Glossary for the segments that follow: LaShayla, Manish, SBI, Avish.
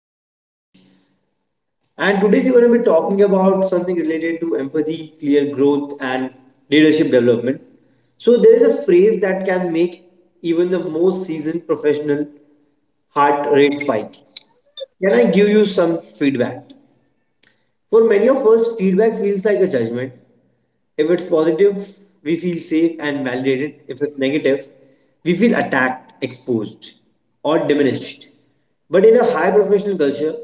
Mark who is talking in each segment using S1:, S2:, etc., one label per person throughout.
S1: I'm Manish, and today we're going to be talking about something related to empathy, clear growth, and leadership development. There is a phrase that can make even the most seasoned professional heart rate spike. Can I give you some feedback? For many of us, feedback feels like a judgment. If it's positive, we feel safe and validated. If it's negative, we feel attacked, exposed, or diminished. But in a high professional culture,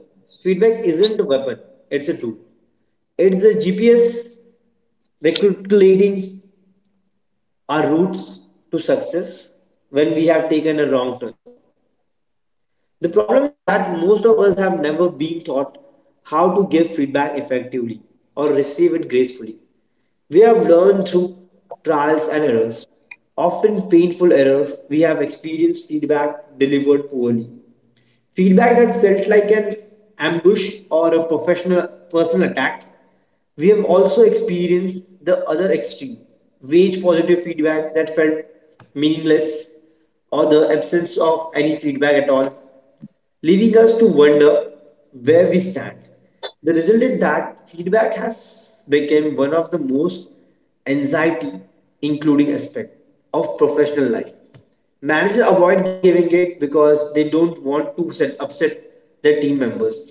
S1: feedback isn't a weapon, it's a tool. It's a GPS recalculating our routes to success when we have taken a wrong turn. The problem is that most of us have never been taught how to give feedback effectively or receive it gracefully. We have learned through trials and errors. Often painful errors, we have experienced feedback delivered poorly. Feedback that felt like an ambush or a professional personal attack. We have also experienced the other extreme wage positive feedback that felt meaningless or the absence of any feedback at all, leaving us to wonder where we stand. The result is that feedback has become one of the most anxiety including aspect of professional life. Managers avoid giving it because they don't want to upset their team members.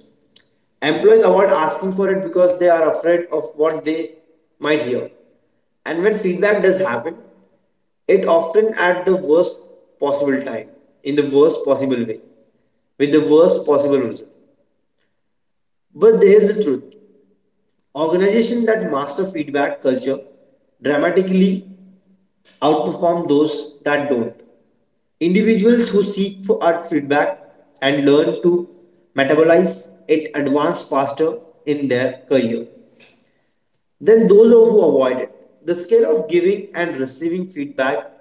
S1: Employees avoid asking for it because they are afraid of what they might hear. And when feedback does happen, it often at the worst possible time, in the worst possible way, with the worst possible result. But here's the truth. Organizations that master feedback culture dramatically outperform those that don't. Individuals who seek for art feedback and learn to metabolize it advance faster in their career than those who avoid it. The scale of giving and receiving feedback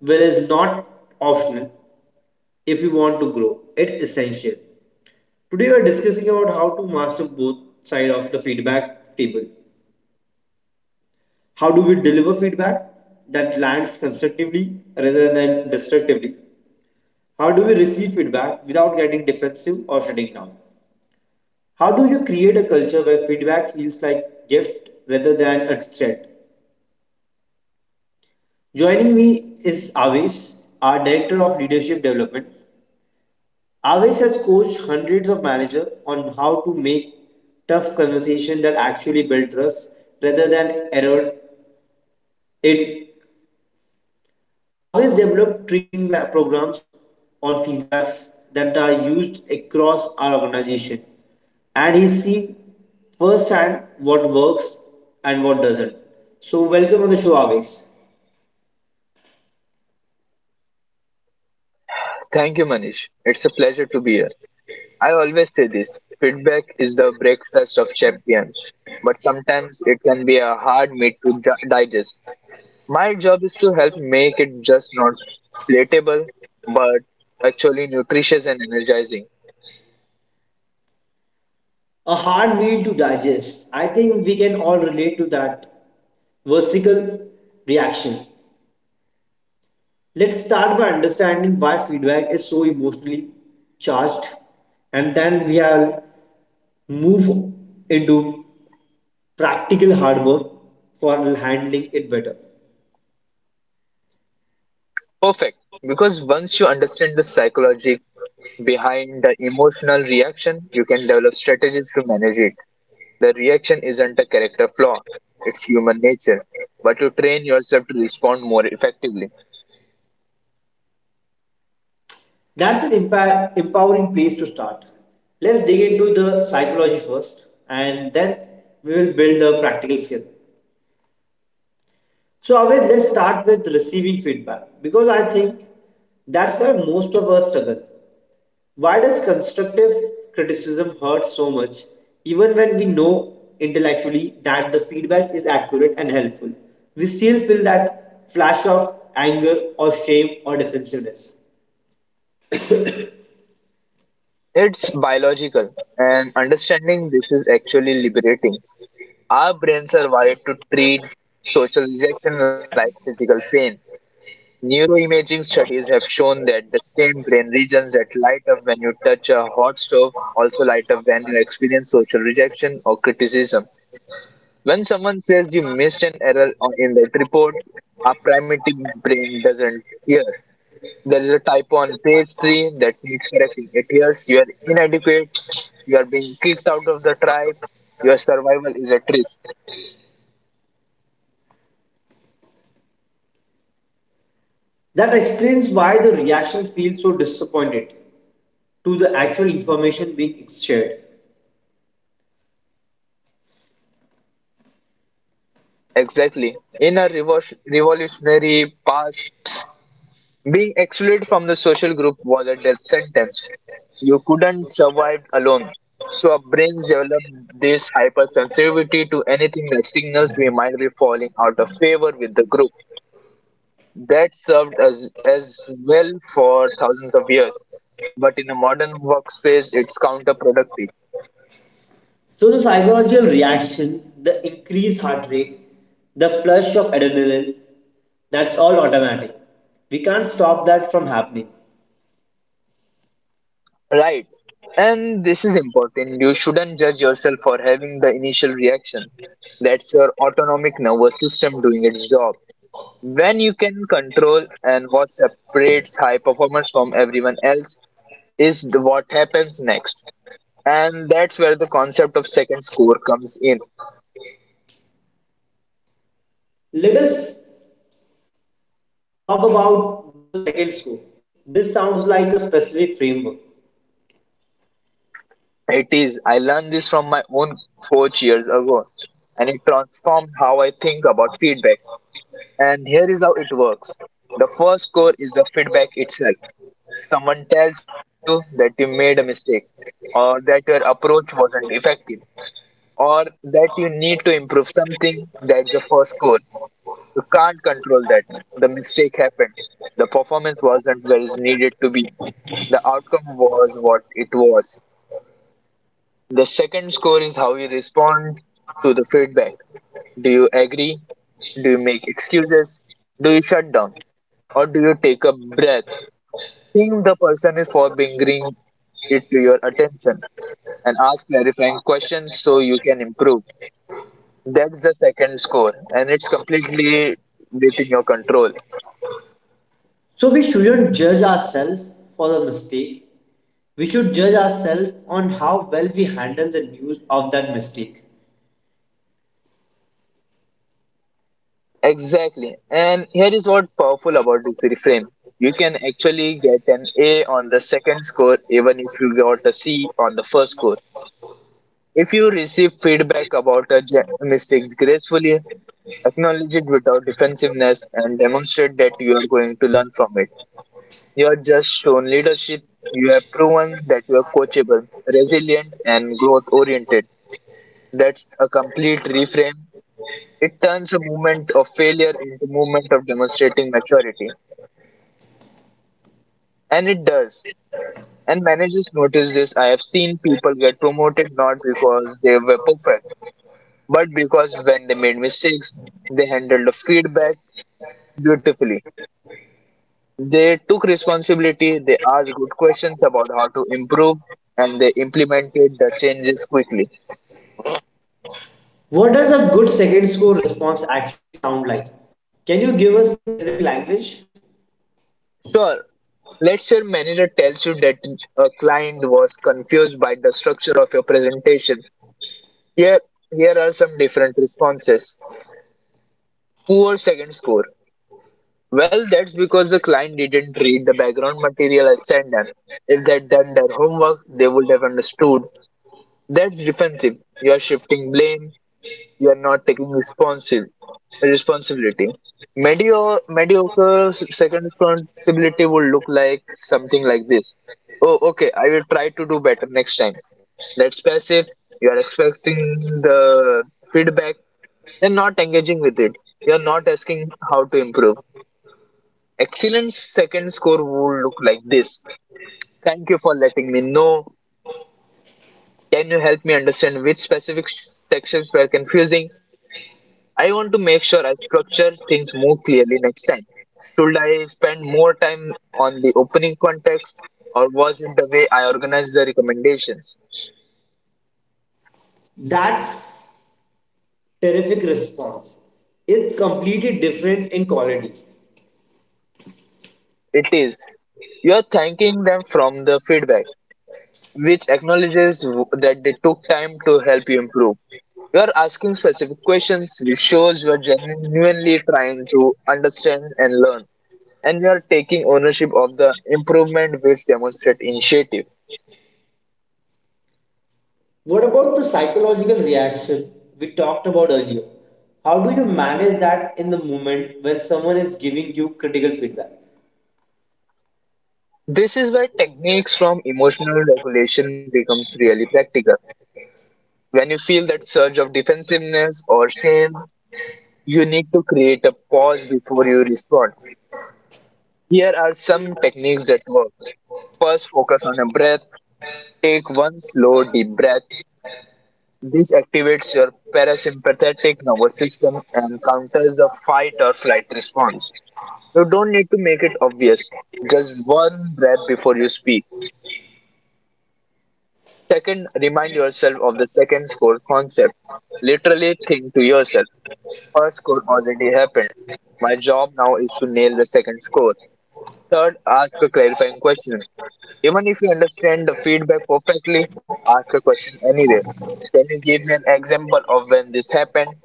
S1: will is not optional if you want to grow. It's essential. Today we are discussing about how to master both side of the feedback table. How do we deliver feedback that lands constructively rather than destructively? How do we receive feedback without getting defensive or shutting down? How do you create a culture where feedback feels like gift rather than a threat? Joining me is Avish, our Director of Leadership Development. Avish has coached hundreds of managers on how to make tough conversations that actually build trust rather than erode it. Always develop training programs or feedbacks that are used across our organization, and he's seen firsthand what works and what doesn't. So welcome on the show, always.
S2: Thank you, Manish. It's a pleasure to be here. I always say this feedback is the breakfast, champions, but sometimes it can be a hard meat to digest. My job is to help make it just palatable, but actually nutritious and energizing.
S1: A hard meal to digest. I think we can all relate to that vertical reaction. Let's start by understanding why feedback is so emotionally charged, and then we will move into practical hard work for handling it better.
S2: Perfect. Because once you understand the psychology behind the emotional reaction and develop strategies to manage it, the reaction isn't a character flaw, it's human nature. But you train yourself to respond more effectively.
S1: That's an empowering place to start. Let's dig into the psychology first and then we will build the practical skill. Always, let's start with receiving feedback because I think that's where most of us struggle. Why does constructive criticism hurt so much, even when we know intellectually that the feedback is accurate and helpful? We still feel that flash of anger or shame or defensiveness.
S2: It's biological, and understanding this is actually liberating. Our brains are wired to social rejection like physical pain. Neuroimaging studies have shown that the same brain regions that light up to touch a hot stove also light up when you experience social rejection or criticism. When someone says you missed an error on- in that report, primitive brain doesn't hear. There is a typo on page 3 that it hears you are inadequate, you are being kicked out of your survival is at risk.
S1: That explains why the reactions feel so disappointed to the actual information being shared.
S2: Exactly. In a revolutionary past, being excluded from the social group was a death sentence. You couldn't survive alone. So our brains develop this hypersensitivity to anything that signals we might be falling out of favor with the group. That served us as well for thousands of years, but in a modern workspace, it's counterproductive.
S1: So, the psychological reaction, the increased heart rate, the flush of adrenaline, that's all automatic. We can't stop that from happening.
S2: Right. And this is important. You shouldn't judge yourself for having the initial reaction. That's your autonomic nervous system doing its job. When you can control and what separates high performers from everyone else is the, what happens next. And that's where the concept of second score comes in.
S1: Let us talk about the second scope. This sounds like a specific framework.
S2: It is. I learned this from my own coach years ago, and it transformed how I think about feedback. And here is how it works: the first score is itself. Someone tells you that you made a mistake or that your approach wasn't effective or that you need to improve something, that's the first goal. You can't control that. Mistake happened. Performance wasn't where it's needed to be. The outcome was what it was. The second score is how you respond to the feedback. Do you agree? Do you make excuses? Do you shut down? Or do you take a breath? Think the person is for bringing it to your attention and ask clarifying so you can improve. That's the second score, and it's completely within your control.
S1: So we shouldn't judge ourselves for the mistake. We should judge ourselves on how well we handle the news of that mistake.
S2: Exactly. And here is what powerful about this reframe. You can actually get an A on the second score even if you got a C. If you receive feedback about a gracefully acknowledge it without defensiveness and demonstrate that you want to learn from it. You are just shown it. You have proven that you are coachable, resilient, and growth oriented. That's a complete reframe. It turns a moment of failure into movement of demonstrating maturity. And it does. And managers notice this. I have seen people get promoted not because they were perfect, but because they made mistakes, they handled the feedback beautifully. They took responsibility, they asked questions about improve, and they implemented the changes quickly.
S1: What does a good second score response actually sound like? Can you give a specific language?
S2: Sure, let's say manager tells you that a client was confused by the structure of your presentation. Here, here are some different responses. Poor second score. Well, that's because the client didn't read the background material I sent them. If they'd done their homework, they would have understood. That's defensive. You are shifting. You are not taking responsive responsibility. Mediocre second responsibility would look like something like this. Oh, okay. I will try to do better next time. That's passive. You are expecting the feedback. They're not engaging with it. They're not asking how to improve. Excellence second score would look like this. Thank you for letting me know. Can you help me understand which specific sections were confusing? I want to make sure I structure things more clearly next time. Should I spend more time on the opening context or was it the way I organized the recommendations?
S1: That's terrific response. It's completely different in quality.
S2: It is. You are thanking them from the feedback, which acknowledges that they took time to help you improve. You are asking specific questions, which shows you are genuinely trying to understand and learn. And we are taking ownership of the improvement which demonstrate initiative.
S1: What about the psychological reaction we talked about earlier? How do you manage that in the moment when someone is giving you critical feedback?
S2: This is where techniques from emotional regulation becomes really practical. When you feel that surge of defensiveness or shame, you need to create a pause before you respond. Here are some techniques that work. First, focus on a breath. Take one slow deep breath. This activates your parasympathetic and counters the fight or flight response. You don't need to make it obvious. Just one breath before you speak. Second, remind yourself of the second score concept. Literally think to yourself, first score already happened. My job now is to nail the second score. Third, ask a clarifier. Even if you understand the feedback perfectly, ask a question anyway. Can you give me an example of when this happened?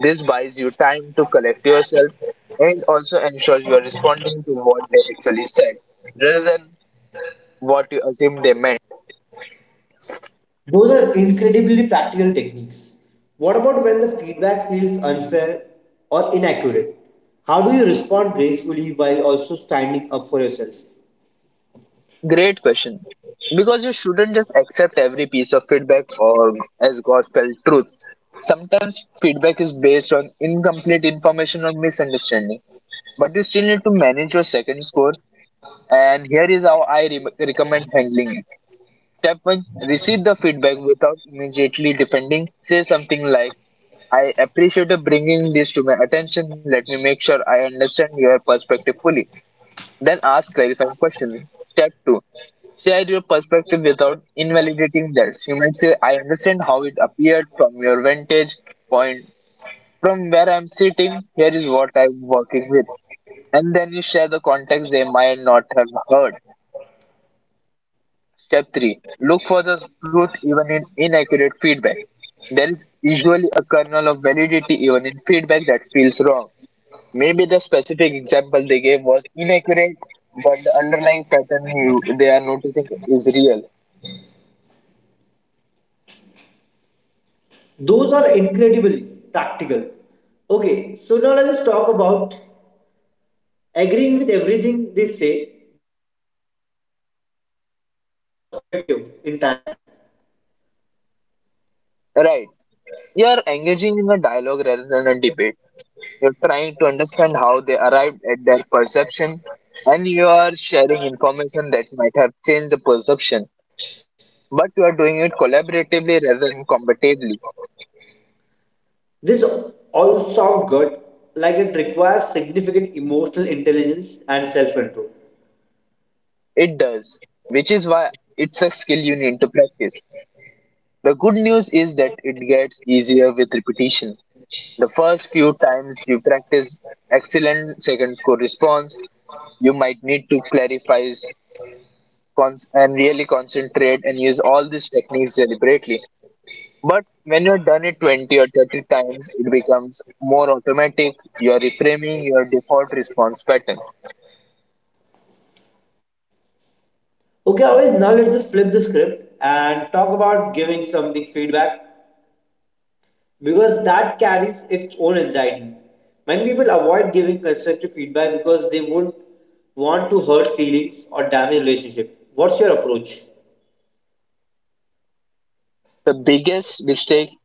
S2: This buys you time to collect yourself and also ensures you are responding to what they actually said rather than what you assume they meant.
S1: Those are incredibly practical techniques. What about when the feedback feels unfair or inaccurate? How do you respond gracefully while also standing up for yourself?
S2: Great question. Because you shouldn't just accept everything the feedback or as gospel truth. Sometimes feedback is based on incomplete information or misunderstanding, but you still need to manage your second score. And here is how I recommend handling it. Step 1: receive the feedback without immediately defending. Say something like, I appreciate you bringing this to my attention. Let me make sure I understand your perspective fully. Then ask clarifying questions. Step 2: share your perspective without invalidating theirs. You might say, I how it appeared from your vantage point. From where I'm sitting, here is what I'm working with. And then you share the context they might not have heard. Step 3. Look for the truth even in inaccurate feedback. There is usually a kernel of validity even in feedback that feels wrong. Maybe the specific example they gave was inaccurate, but the underlying pattern they are noticing is real.
S1: Those are incredibly practical. Okay, so now let us talk about agreeing with everything they say, but you are also not dismissing the perspective entirely.
S2: Right. You are engaging in a dialogue rather than a debate. You're trying to understand how they arrived at their perception, and you are sharing information that might have changed the perception, but you are doing it collaboratively rather than combatively.
S1: This all also good, like it requires significant emotional intelligence and self-control.
S2: It does, which is why it's a skill you need to practice. The good news is that it gets easier with repetition. The first few times you practice excellent second score response, you might need to clarify and really concentrate and use all these techniques deliberately. But when you have done it 20 or 30 times, it becomes more automatic. You're reframing your default response pattern.
S1: Okay, always, now let's just flip the script and talk about giving something feedback because that carries its own anxiety. Many people avoid giving constructive feedback because they won't want to hurt feelings or damage relationship. What's your approach?
S2: The biggest mistake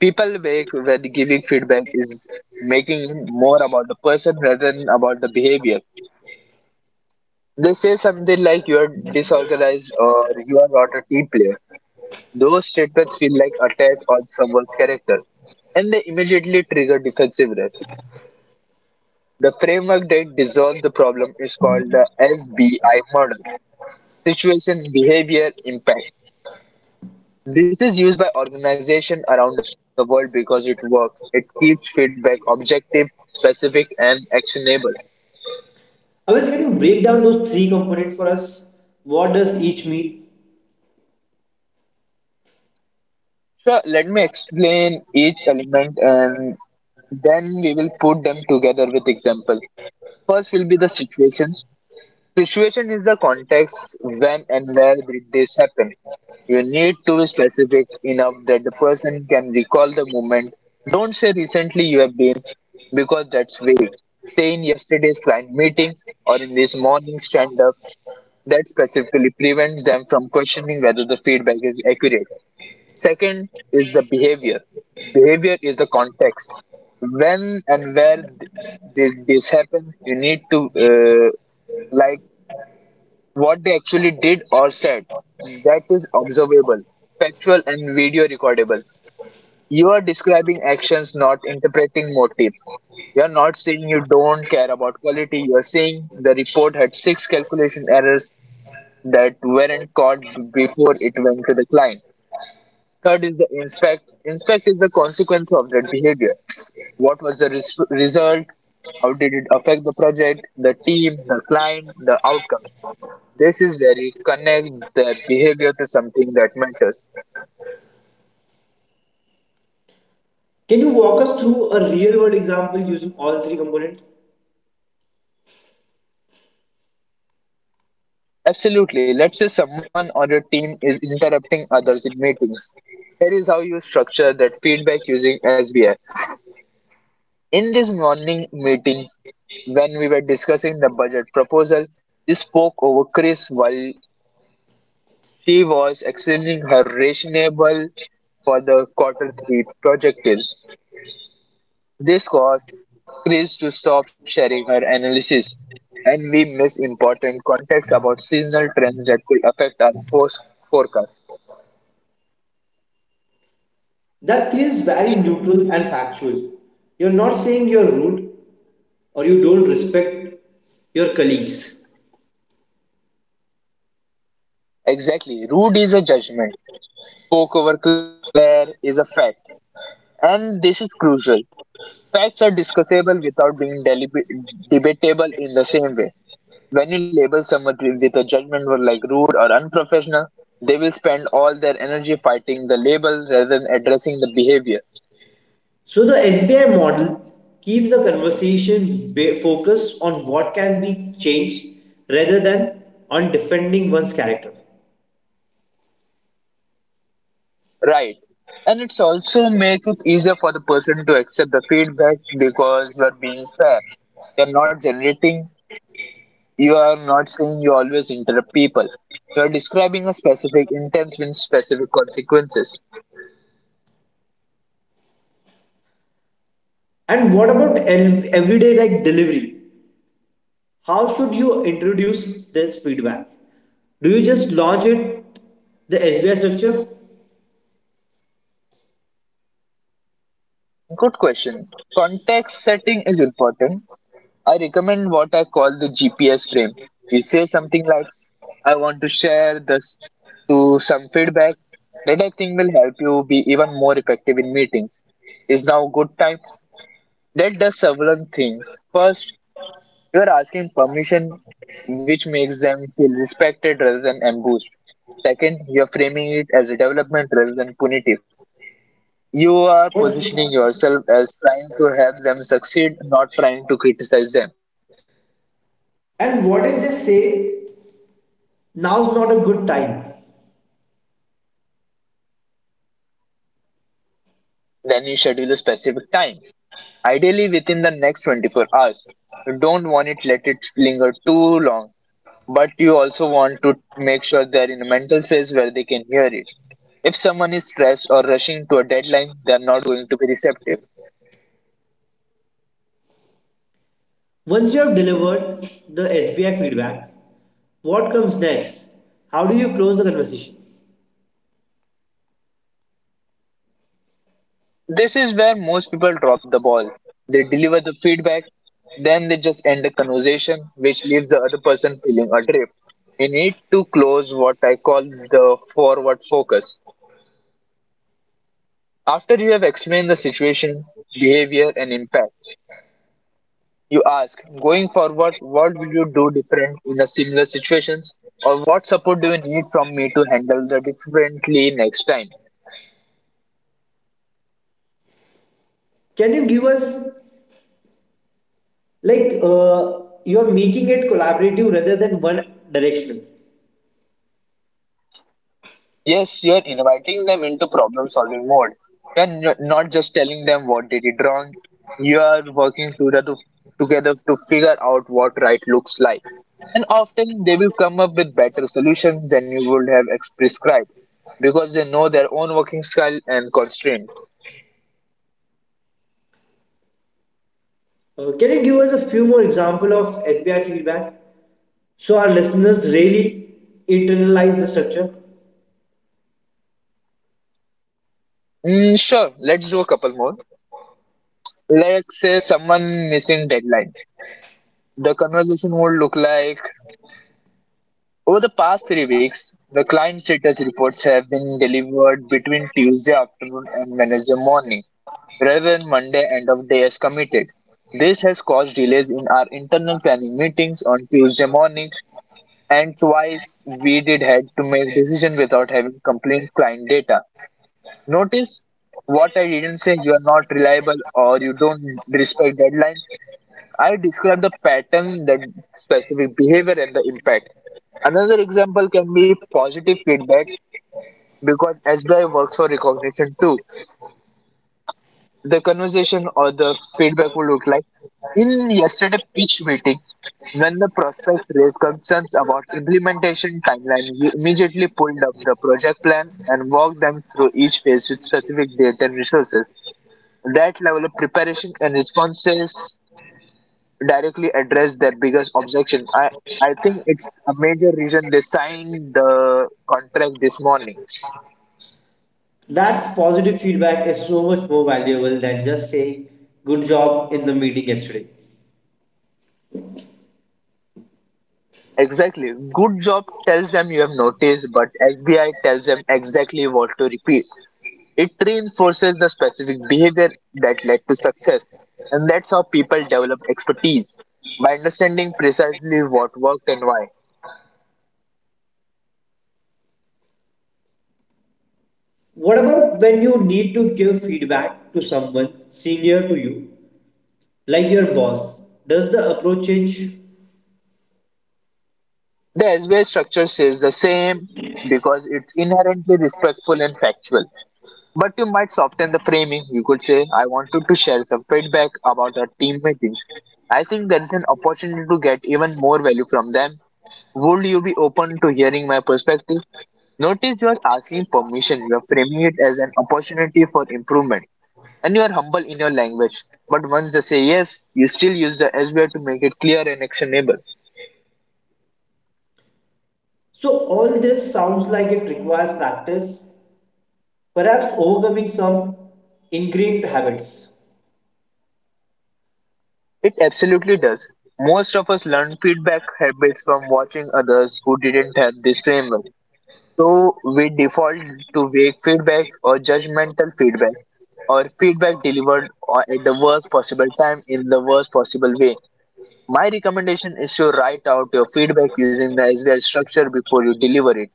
S2: people make when giving feedback is making it more about the person rather than about the behavior. They say something like you're disorganized or you are not a team player. Those statements feel like attack on someone's character and they immediately trigger defensiveness. The framework that dissolves the problem is called the SBI model: situation, behavior, impact. This is used by organizations around the world because it works. It keeps feedback objective, specific, and actionable.
S1: Always, can you break down those three components for us? What does each mean?
S2: So let me explain each element and then we will put them together with example. First will be the situation. Situation is the context: when and where did this happen. You need to be specific enough that the person can recall the moment. Don't say recently you have been because that's vague. Say in yesterday's client meeting or in this morning's stand up, that specifically prevents them from questioning whether the feedback is accurate. Second is the behavior. Behavior is the context. When and where did this happen? You need to like what they actually did or said, that is observable, factual, and video recordable. You are describing actions, not interpreting motives. You are not saying you don't care about quality. You are saying the report had 6 calculation errors that weren't caught before it went to the client. Third is the inspect. Inspect is the consequence of that behavior. What was the result? How did it affect the project, the team, the client, the outcome? This is where you connect their behavior to something that matters.
S1: Can you walk us through a real world example using all three components?
S2: Absolutely. Let's say someone on your team is interrupting others in meetings. Here is how you structure that feedback using SBI. In this morning meeting, when we were discussing the budget proposal, you spoke over Chris while she was her rationable for the quarter three projectives. This caused Chris to stop sharing her analysis, and we miss important context about seasonal trends that could affect our force forecast.
S1: That feels very neutral and factual. You're not saying you're rude or you don't respect your colleagues.
S2: Exactly. Rude is a judgment. Spoke over Claire is a fact. And this is crucial. Facts are discussable without being debatable in the same way. When you label someone with a judgment word like rude or unprofessional, they will spend all their energy fighting the label rather than addressing the behavior.
S1: So, the SBI model keeps the conversation focused on what can be changed rather than on defending one's character.
S2: Right. And it's also make it easier for the person to accept the feedback because you are being fair. You're not generating. You are not saying you always interrupt people. You are describing a specific sense with specific consequences.
S1: And what about everyday like delivery? How should you introduce this feedback? Do you just launch it the SBI structure?
S2: Good question. Context setting is important. I recommend what I call the GPS frame. You say something like, I want to share this to some feedback that I think will help you be even more effective in meetings. Is now a good time? That does several things. First, you are asking permission, which makes them feel respected rather than ambushed. Second, you are framing it as a development rather than punitive. You are positioning
S1: What-
S2: yourself as trying to help them succeed, not trying to criticize them.
S1: And what if they say now's not a good time?
S2: Then you schedule a specific time, ideally within the next 24 hours. You don't want it let it linger too long, but you also want to make sure they're in a mental space where they can hear it. If someone is stressed or rushing to a deadline, they're not going to be receptive.
S1: Once you have delivered the SBI feedback, what comes next? How do you close the conversation?
S2: This is where most people drop the ball. They deliver the feedback, then they just end the conversation, which leaves the other person feeling adrift. You need to close what I call the forward focus. After you have explained the situation, behavior, and impact, you ask, going forward, what will you do different in a similar situations? Or what support do you handle the differently next time?
S1: Can you give us like you are making it collaborative rather than one directional?
S2: Yes, you're inviting them into problem solving mode, and not just telling them what they did wrong. You are working together to figure out what right looks like. And often they will come up with better solutions than you would have prescribed because they know their own working style and constraints.
S1: Can you give us a few more example of SBI feedback so our listeners really internalize the structure?
S2: Sure, let's do a couple more. Let's say someone missing deadlines. The conversation would look like: over the past 3 weeks, the client status reports have been delivered between Tuesday afternoon and Wednesday morning, rather than Monday end of day as committed. This has caused delays in our internal planning meetings on Tuesday mornings, and twice we did had to make decision without having complete client data. Notice what I didn't say: you are not reliable or you don't respect deadlines. I describe the pattern, the specific behavior, and the impact. Another example can be positive feedback because SBI works for recognition too. The conversation or the feedback will look like: in yesterday pitch meeting when the process concerns implementation timeline, we pulled up the project plan and walked them through each phase with data and resources. That level of preparation and responses directly address their biggest objection, a major reason they signed the contract morning.
S1: That's positive feedback is so much more valuable than just saying good job in the meeting yesterday.
S2: Exactly. Good job tells them you have noticed, but SBI tells them exactly what to repeat. It reinforces the behavior success, and that's how people develop expertise by understanding precisely what worked.
S1: What about when you need to give feedback to someone senior to you, like your boss? Does the approach change?
S2: The SBI structure says the same because it's inherently risky, but you might soften the framing. You could say, I wanted to share some feedback about our team meeting. I think there is an opportunity to get even more value from them. Would you be open to hearing my perspective? Notice you are asking it as an opportunity for improvement, and you are humble in your language. But once they say yes, you still use the SBI to make it clear and actionable.
S1: So, all this sounds like it requires practice, perhaps overcoming some ingrained habits.
S2: It absolutely does. Most of us learn feedback from watching others who didn't have this framework. So we default to vague feedback or general feedback or feedback delivered or at the worst possible time in the worst possible way. My recommendation is to write out your feedback using the SBI structure before you deliver it,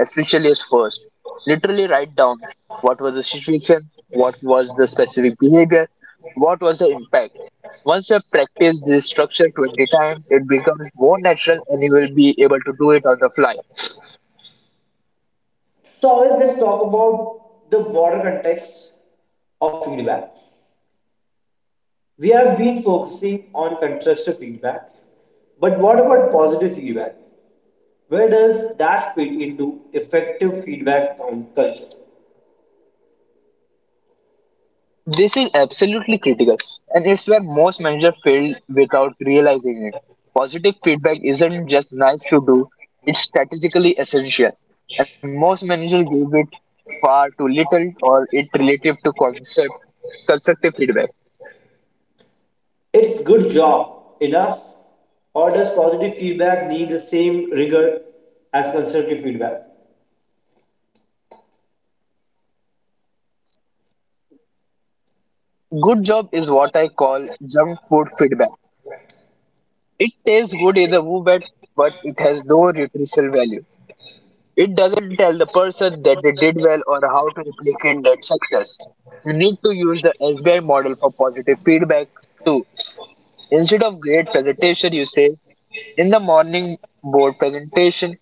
S2: especially as first. Literally write down what was the situation, what was the specific behavior, what was the impact. Once you have practiced, it becomes more natural and you will be able to do it on the fly.
S1: So, always, let's talk about the broader context of feedback. We have been focusing on constructive feedback, but what about positive feedback? Where does that fit into effective feedback culture?
S2: This is absolutely critical and it's where most managers fail without realizing it. Positive feedback isn't just nice to do, it's strategically essential, and most managers give it far too little or it relative to concept, constructive feedback.
S1: It's good job, enough, or does positive feedback need the same rigor as constructive feedback?
S2: Good job is what I call junk food feedback. It tastes good in the moment, but it has no nutritional value. It doesn't tell the person did well or how to replicate that success. You need to use the SBI model for positive feedback too. Instead of great presentation, you say, in the morning board presentation,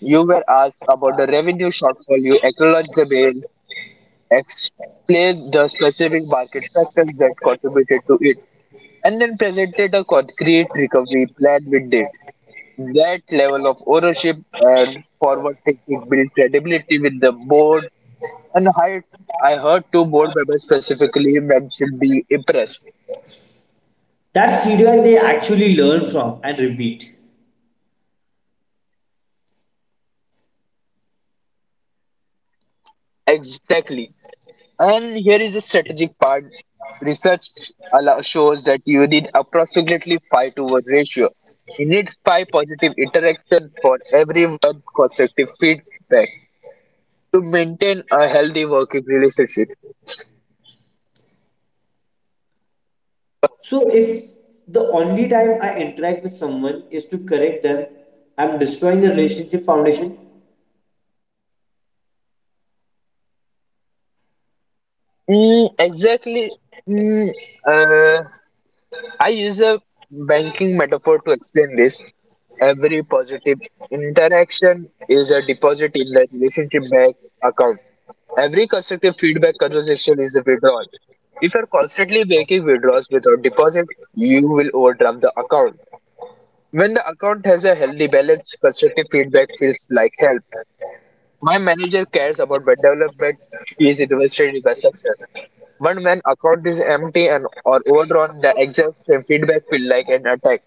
S2: you were asked the revenue shortfall. You acknowledge the bill, explain the specific market to it, and then presented a concrete recovery plan with that level of ownership and for it built credibility with the board. And I heard two board members specifically mentioned be impressed.
S1: That's feedback they actually learn from and repeat.
S2: Exactly. And here is a strategic part. Research allow, shows that you need approximately 5 to 1 ratio. You need 5 per interaction for every one constructive feed to maintain a healthy working relationship.
S1: So if the only time I interact with someone is to correct them, I'm destroying the relationship foundation.
S2: Exactly. Mm, uh, I use a banking metaphor to explain this. Every positive interaction is a deposit in the relationship bank account. Every constructive feedback conversation is a withdrawal. If you're constantly making withdrawals without deposit, you will overdraft the account. When the account has a healthy balance, constructive feedback feels like help. My manager cares about my development. She is invested in my success. But when account is empty and or overdrawn, the exact same feedback feel like an attack.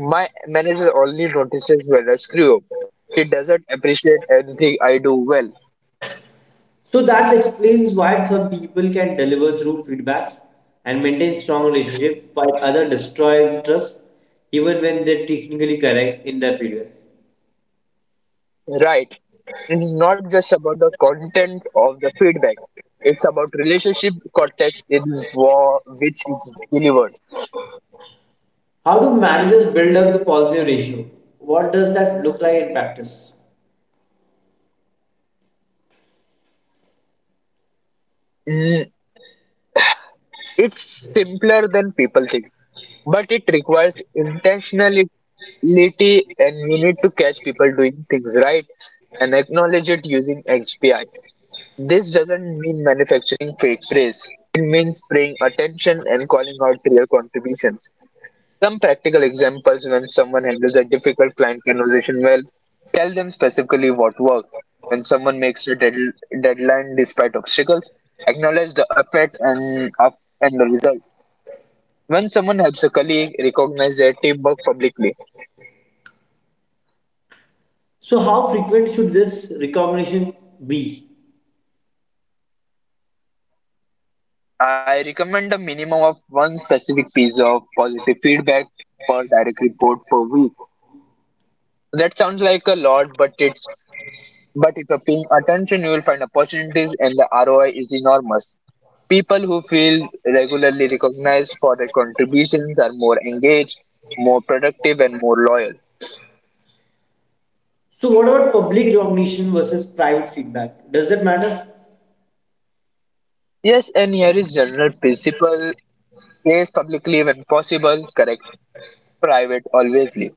S2: My manager only notices when I screw up. He doesn't appreciate anything I do well.
S1: So that explains why some people can deliver through feedbacks and maintain strong relationship while others destroy trust even when they're technically correct in their failure.
S2: Right. It is not just about the content of the feedback. It's about relationship content for which it's delivered.
S1: How do managers build up the positive ratio? What does that look like in practice?
S2: Mm, It's simpler than people, but it requires intentionality, and you need to catch people doing things right and acknowledge it using AI. This doesn't mean manufacturing fake praise. It means paying attention and calling out real contributions. Some practical examples: when someone handles a difficult client conversation well, tell them specifically what worked. When someone makes a deadline despite obstacles, acknowledge the effort and the result. When someone helps a colleague, recognize their teamwork publicly.
S1: So how frequent should this recognition be?
S2: I recommend a minimum of one specific piece of positive feedback per direct report per week. That sounds like a lot, but if you're paying attention you will find opportunities and the ROI is enormous. People who feel regularly recognized for their contributions are more engaged, more productive, and more loyal.
S1: So what about public recognition versus private feedback? Does that matter?
S2: Yes, and here is the principle: praise publicly when possible, correct private alwaysly.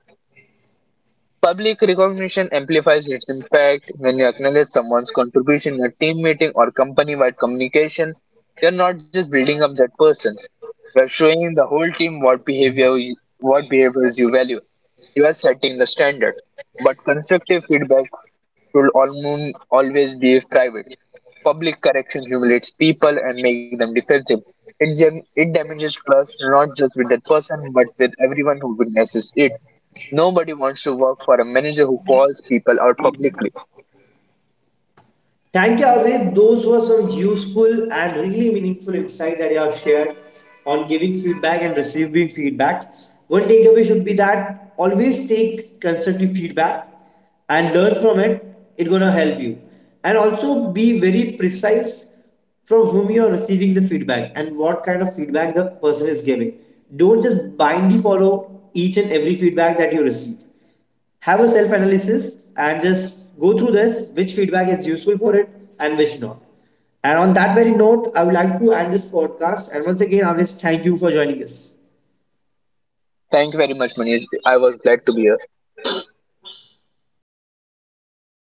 S2: Public recognition amplifies its impact. When you acknowledge someone's contribution in a team meeting or company-wide communication, you're not just building that person, you're showing the whole team what behaviors you value. You are setting the standard. But constructive feedback should always be private. Public correction humiliates people and makes them defensive. It damages trust, not just with that person but with everyone who witnesses it. Nobody wants to work for a manager who calls publicly.
S1: Thank you, Aved. Those were some useful and really meaningful insight that you have shared on giving feedback and receiving feedback. One takeaway should be that always take constructive feedback and learn from it. It's gonna help you. And also be very precise from whom you are receiving the feedback and what kind of feedback the person is giving. Don't just blindly follow each and every feedback that you receive, have a self analysis and just go through this which feedback is useful for it and which not, and on that very note I would like to end this podcast, and once again, always, thank you for joining us.
S2: Thank you very much, Manish. I was glad to be here.